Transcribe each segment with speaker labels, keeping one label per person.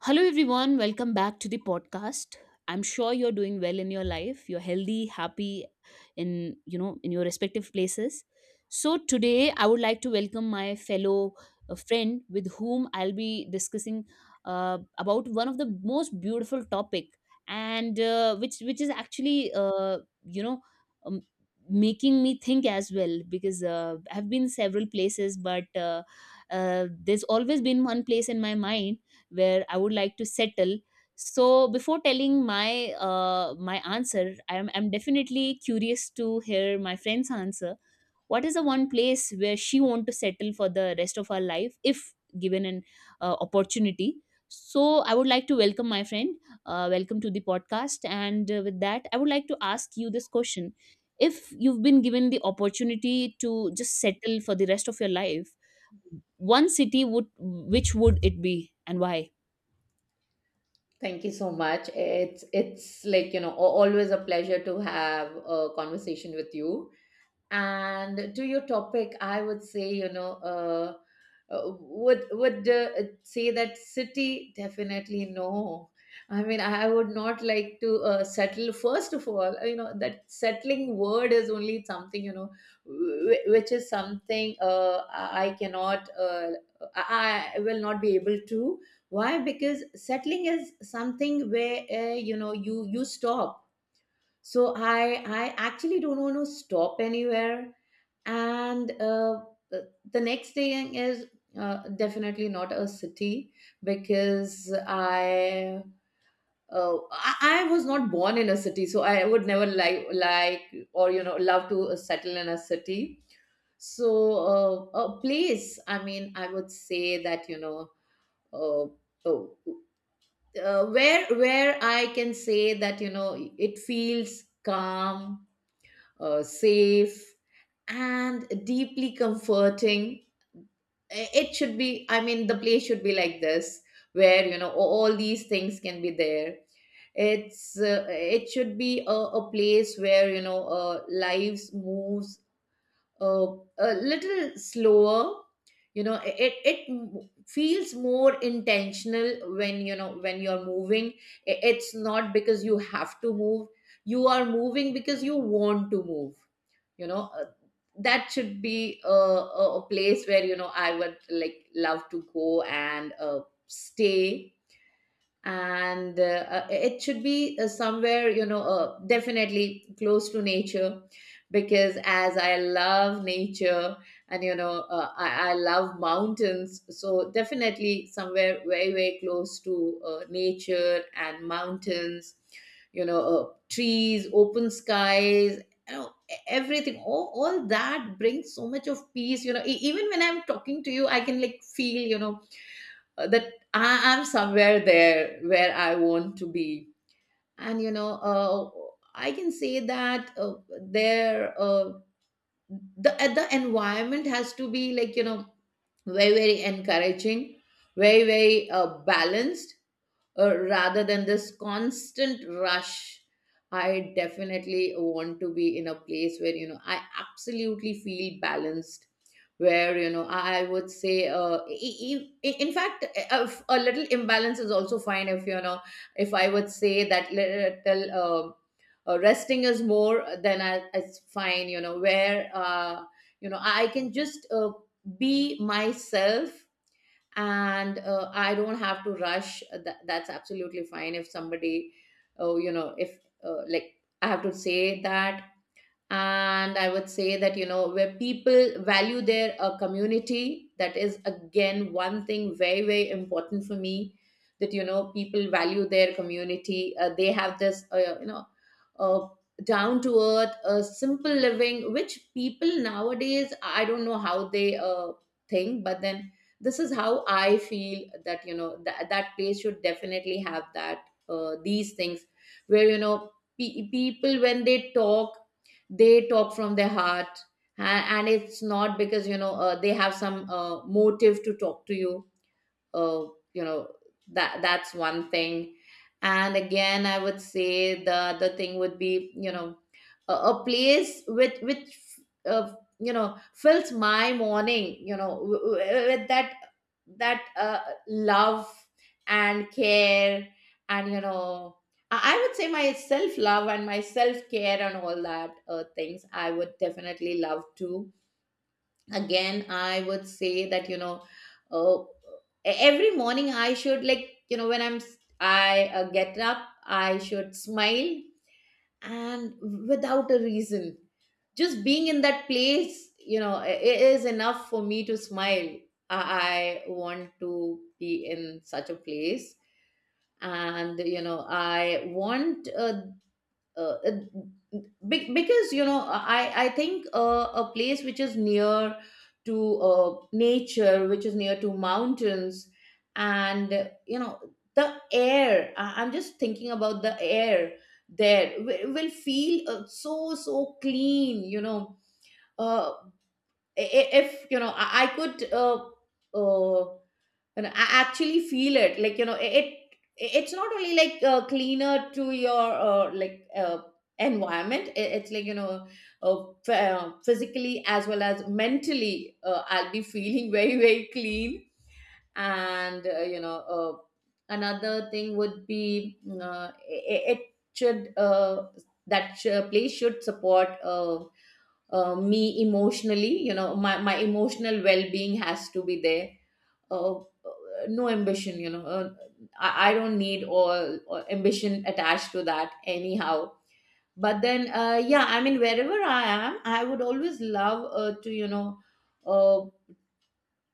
Speaker 1: Hello, everyone. Welcome back to the podcast. I'm sure you're doing well in your life. You're healthy, happy in, you know, in your respective places. So today I would like to welcome my fellow friend with whom I'll be discussing about one of the most beautiful topic and which is actually um, making me think as well because I've been several places but there's always been one place in my mind where I would like to settle. So before telling my my answer, I'm definitely curious to hear my friend's answer. What is the one place where she want to settle for the rest of her life if given an opportunity? So I would like to welcome my friend. Welcome to the podcast. And with that, I would like to ask you this question: if you've been given the opportunity to just settle for the rest of your life, one city would which would it be and why?
Speaker 2: Thank you so much. It's like, you know, always a pleasure to have a conversation with you. And to your topic, I would say, you know, would say that city, definitely no. I mean, I would not like to settle. First of all, you know, that settling word is only something, you know, which is something I cannot, I will not be able to. Why? Because settling is something where, you know, you stop, so I actually don't want to stop anywhere. And the next thing is, definitely not a city, because I was not born in a city, so I would never like or, you know, love to settle in a city. So a place, I mean, I would say that, you know, uh, oh, where I can say that, you know, it feels calm, safe, and deeply comforting. It should be, I mean, the place should be like this, where, you know, all these things can be there. It should be a place where, you know, lives moves uh, a little slower. You know, it feels more intentional when, you know, when you're moving. It's not because you have to move. You are moving because you want to move, you know. That should be a place where, you know, I would love to go and stay. And It should be somewhere, you know, definitely close to nature, because as I love nature, and, you know, I love mountains, so definitely somewhere very, very close to nature and mountains, you know, trees, open skies, you know, everything, all that brings so much of peace, you know. Even when I'm talking to you, I can like feel, you know, that I am somewhere there where I want to be. And you know, I can say that there uh, the environment has to be, like, you know, very, very encouraging, very, very, balanced, rather than this constant rush. I definitely want to be in a place where, you know, I absolutely feel balanced, where, you know, I would say, in fact, a little imbalance is also fine if, you know, if I would say that little, resting is more, then I, it's fine, you know, where, you know, I can just be myself. And I don't have to rush. That's absolutely fine. If somebody, oh, you know, if, like, I have to say that. And I would say that, you know, where people value their, community, that is again one thing very, very important for me, that, you know, people value their community. They have this, you know, uh, down to earth, simple living, which people nowadays, I don't know how they think, but then this is how I feel, that, you know, that that place should definitely have that these things where, you know, people when they talk, they talk from their heart. And it's not because, you know, they have some motive to talk to you. uh, you know, that's one thing. And again, I would say the other thing would be, you know, a place with which, uh, you know, fills my morning, you know, with that that uh, love and care. And you know, I would say, my self love and my self care and all that, things I would definitely love to. Again, I would say that, you know, uh, every morning, I should like, you know, when I'm s- I get up, I should smile, and without a reason, just being in that place, you know, it is enough for me to smile. I want to be in such a place. And I want, uh, because, you know, I think, a place which is near to nature, which is near to mountains, and, you know, the air, I'm just thinking about the air there, will feel, so, so clean, you know. uh, if, you know, I could, uh, and I actually feel it, like, you know, it. It's not only like cleaner to your, environment. It's like, you know, physically as well as mentally, I'll be feeling very, very clean. And you know, another thing would be, it should, place should support, me emotionally. You know, my emotional well being has to be there. uh, no ambition, you know. I don't need all ambition attached to that anyhow. But then, yeah, I mean, wherever I am, I would always love to, you know, uh,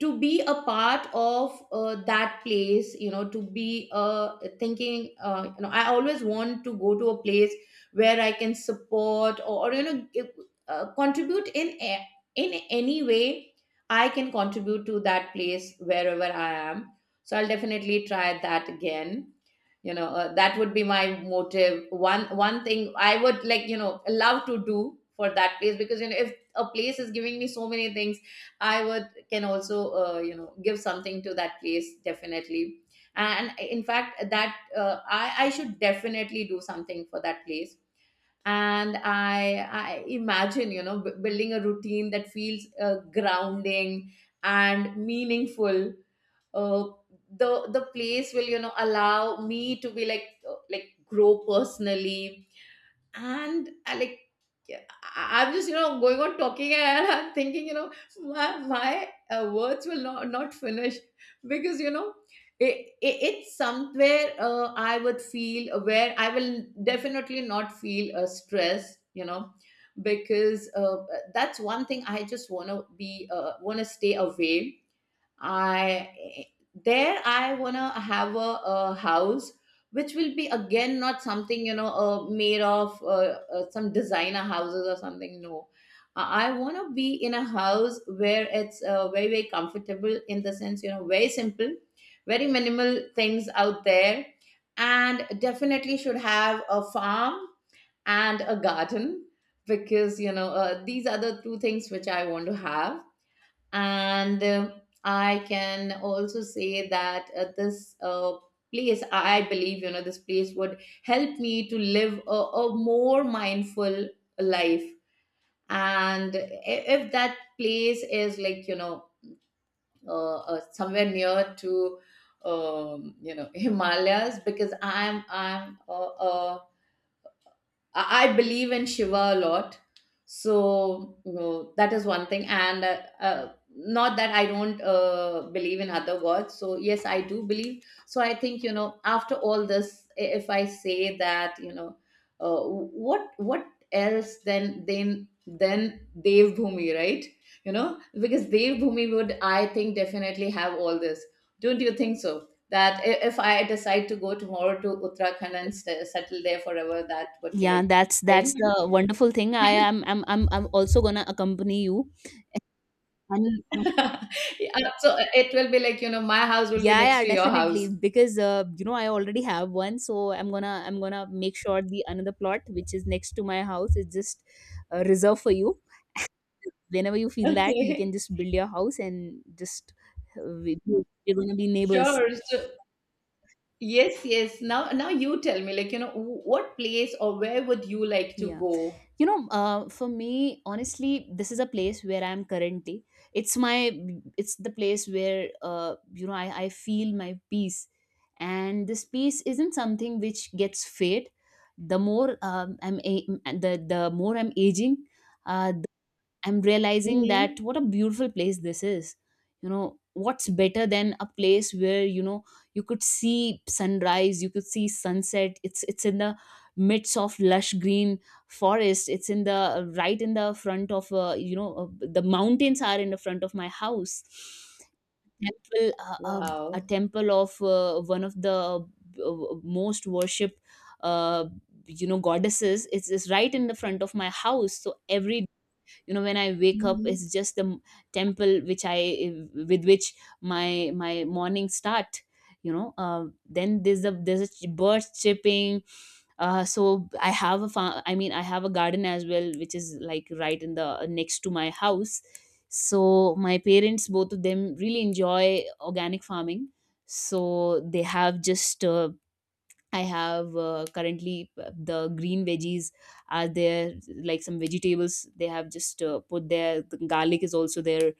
Speaker 2: to be a part of that place, you know, to be thinking, you know, I always want to go to a place where I can support, or, you know, give, contribute in any way I can contribute to that place wherever I am. So I'll definitely try that. Again, you know, that would be my motive. One thing I would, like, you know, love to do for that place, because, you know, if a place is giving me so many things, I would, can also, you know, give something to that place definitely. And in fact, that, I should definitely do something for that place. And I imagine, you know, building a routine that feels, grounding and meaningful. Uh, the the place will, you know, allow me to be, like, grow personally. And I, like, yeah, I'm just, you know, going on talking, and I'm thinking, you know, my words will not finish, because, you know, it's somewhere, I would feel, where I will definitely not feel, stress, you know. Because that's one thing I just want to be, want to stay away. I There I wanna have a house which will be, again, not something, you know, made of, some designer houses or something. No. I want to be in a house where it's, very, very comfortable, in the sense, you know, very simple, very minimal things out there, and definitely should have a farm and a garden, because, you know, these are the two things which I want to have. And I can also say that, this place, I believe, you know, this place would help me to live a more mindful life. And if that place is, like, you know, somewhere near to, you know, Himalayas, because I'm a I believe in Shiva a lot. So you know, that is one thing. And not that I don't believe in other gods. So, yes, I do believe. So, I think, you know, after all this, if I say that, you know, what else, then Dev Bhumi, right? You know, because Dev Bhumi would, I think, definitely have all this. Don't you think so? That, if I decide to go tomorrow to Uttarakhand and settle there forever, that would be
Speaker 1: Yeah,
Speaker 2: like
Speaker 1: that's
Speaker 2: thing.
Speaker 1: the wonderful thing. I am I'm also gonna accompany you. And and-
Speaker 2: Yeah, so it will be like, you know, my house will be
Speaker 1: yeah,
Speaker 2: next
Speaker 1: yeah,
Speaker 2: to your
Speaker 1: definitely.
Speaker 2: house.
Speaker 1: Because you know, I already have one, so I'm gonna make sure the another plot which is next to my house is just reserved for you. Whenever you feel that, you can
Speaker 2: Okay.
Speaker 1: just build your house and just we're gonna be neighbors.
Speaker 2: Sure. So yes, yes. Now you tell me, like, you know, what place, or where would you like to
Speaker 1: Yeah.
Speaker 2: go?
Speaker 1: You know, for me honestly this is a place where I am currently. It's my, it's the place where, you know, I feel my peace, and this peace isn't something which gets fade. The more I'm a- the more I'm aging, uh, I'm realizing
Speaker 2: Hmm.
Speaker 1: that what a beautiful place this is. You know, what's better than a place where, you know, you could see sunrise, you could see sunset. It's in the midst of lush green forest. It's in the right in the front of, you know, the mountains are in the front of my house. Temple, uh, uh, a
Speaker 2: Wow.
Speaker 1: temple of one of the most worshipped, uh, you know, goddesses, it's right in the front of my house, so every, you know, when I wake up,
Speaker 2: Hmm.
Speaker 1: it's just the temple which I, with which my morning start. You know, then there's birds chirping. I mean, I have a garden as well which is like right in the next to my house. So my parents both of them really enjoy organic farming, so they have just I have currently the green veggies are there, like some vegetables. They have just put there. The garlic is also there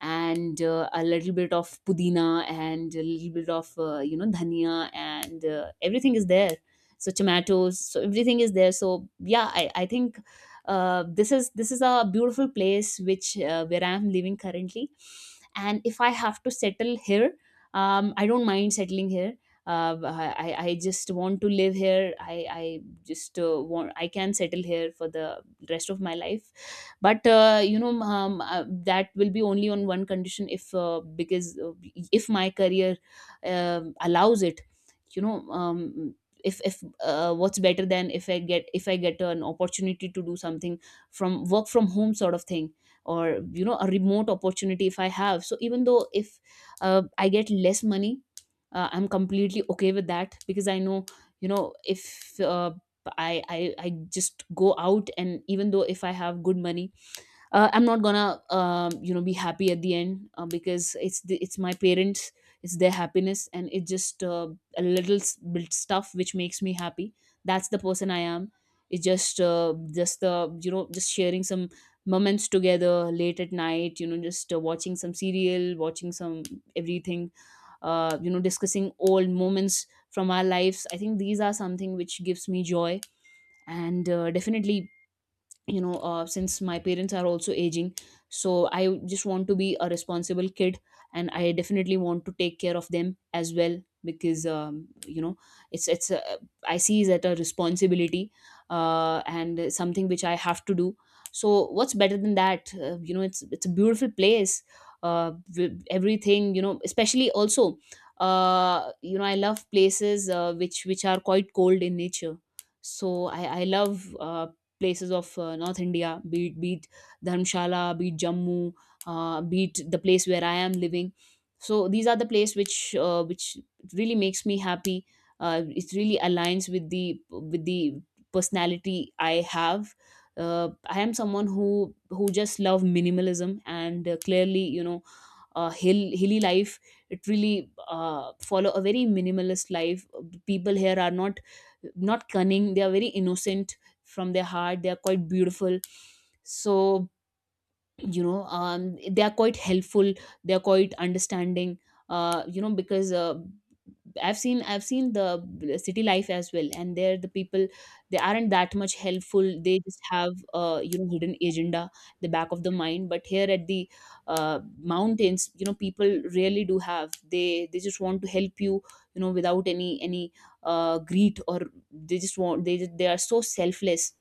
Speaker 1: and a little bit of pudina and a little bit of, you know, dhania, and everything is there, so tomatoes, so everything is there, so yeah, I think this is a beautiful place which, where I am living currently. And if I have to settle here, I don't mind settling here. Uh, I, I I just want to live here. I just want, I can settle here for the rest of my life, but, you know, that will be only on one condition if, because, if my career allows it. You know, if what's better than if I get an opportunity to do something from work from home sort of thing or, you know, a remote opportunity if I have. So even though if I get less money, I'm completely okay with that because I know, you know, if I, I just go out and even though if I have good money, I'm not gonna you know be happy at the end because it's the, it's my parents, it's their happiness, and it's just a little bit stuff which makes me happy. That's the person I am. It's just the, you know, just sharing some moments together late at night, you know, just watching some serial, watching some everything, you know, discussing old moments from our lives. I think these are something which gives me joy. And definitely, you know, since my parents are also aging, so I just want to be a responsible kid, and I definitely want to take care of them as well, because, you know, it's I see is that a responsibility and something which I have to do. So what's better than that? You know, it's a beautiful place uh, with everything. You know, especially also, you know, I love places which are quite cold in nature. So I love places of North India, be it Dharmshala, be it Jammu, be it the place where I am living. So these are the place which really makes me happy. It really aligns with the personality I have. I am someone who just love minimalism and, clearly, you know, hilly life. It really follow a very minimalist life. People here are not cunning, they are very innocent from their heart, they are quite beautiful. So, you know, they are quite helpful, they are quite understanding, you know, because, I've seen the city life as well, and there the people, they aren't that much helpful. They just have, you know, hidden agenda the back of the mind. But here at the mountains, you know, people really do have, they just want to help you, you know, without any greed or, they just want, they are so selfless.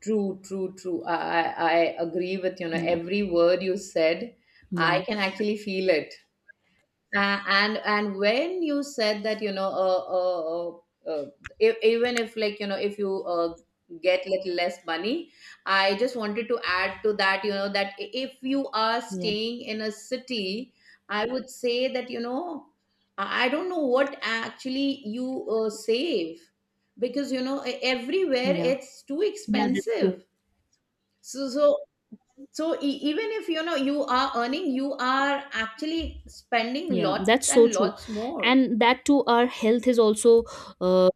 Speaker 2: True, true, true. I agree with, you know,
Speaker 1: Yeah,
Speaker 2: every word you said. I
Speaker 1: yeah,
Speaker 2: can actually feel it. And when you said that, you know, uh, uh, uh, e- even if, like, you know, if you get little less money, I just wanted to add to that, you know, that, if you are
Speaker 1: yeah,
Speaker 2: staying in a city, I would say that, you know, I don't know what actually you save, because, you know, everywhere
Speaker 1: yeah,
Speaker 2: it's too
Speaker 1: yeah. That's
Speaker 2: expensive.
Speaker 1: true.
Speaker 2: so so so even if, you know, you are earning, you are actually spending
Speaker 1: Yeah, that's
Speaker 2: lots
Speaker 1: so
Speaker 2: and
Speaker 1: true,
Speaker 2: lots more.
Speaker 1: and that too, our health is also uh,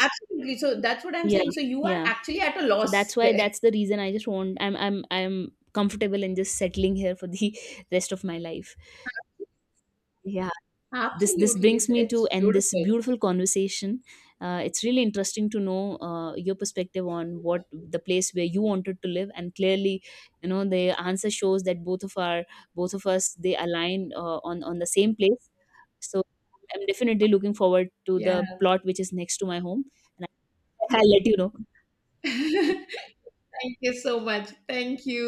Speaker 2: Absolutely, so that's what I'm
Speaker 1: yeah,
Speaker 2: saying, so you are
Speaker 1: yeah.
Speaker 2: actually at a
Speaker 1: So
Speaker 2: loss
Speaker 1: that's why,
Speaker 2: there.
Speaker 1: that's the reason, I just want, I'm comfortable in just settling here for the rest of my life, yeah. This
Speaker 2: Absolutely,
Speaker 1: brings
Speaker 2: it's
Speaker 1: me to
Speaker 2: it's
Speaker 1: end this
Speaker 2: beautiful.
Speaker 1: beautiful conversation. It's really interesting to know your perspective on what the place where you wanted to live, and clearly, you know, the answer shows that both of our, both of us they align on the same place. So I'm definitely looking forward to
Speaker 2: Yeah.
Speaker 1: the plot which is next to my home. And I- I'll let you know.
Speaker 2: Thank you so much, thank you,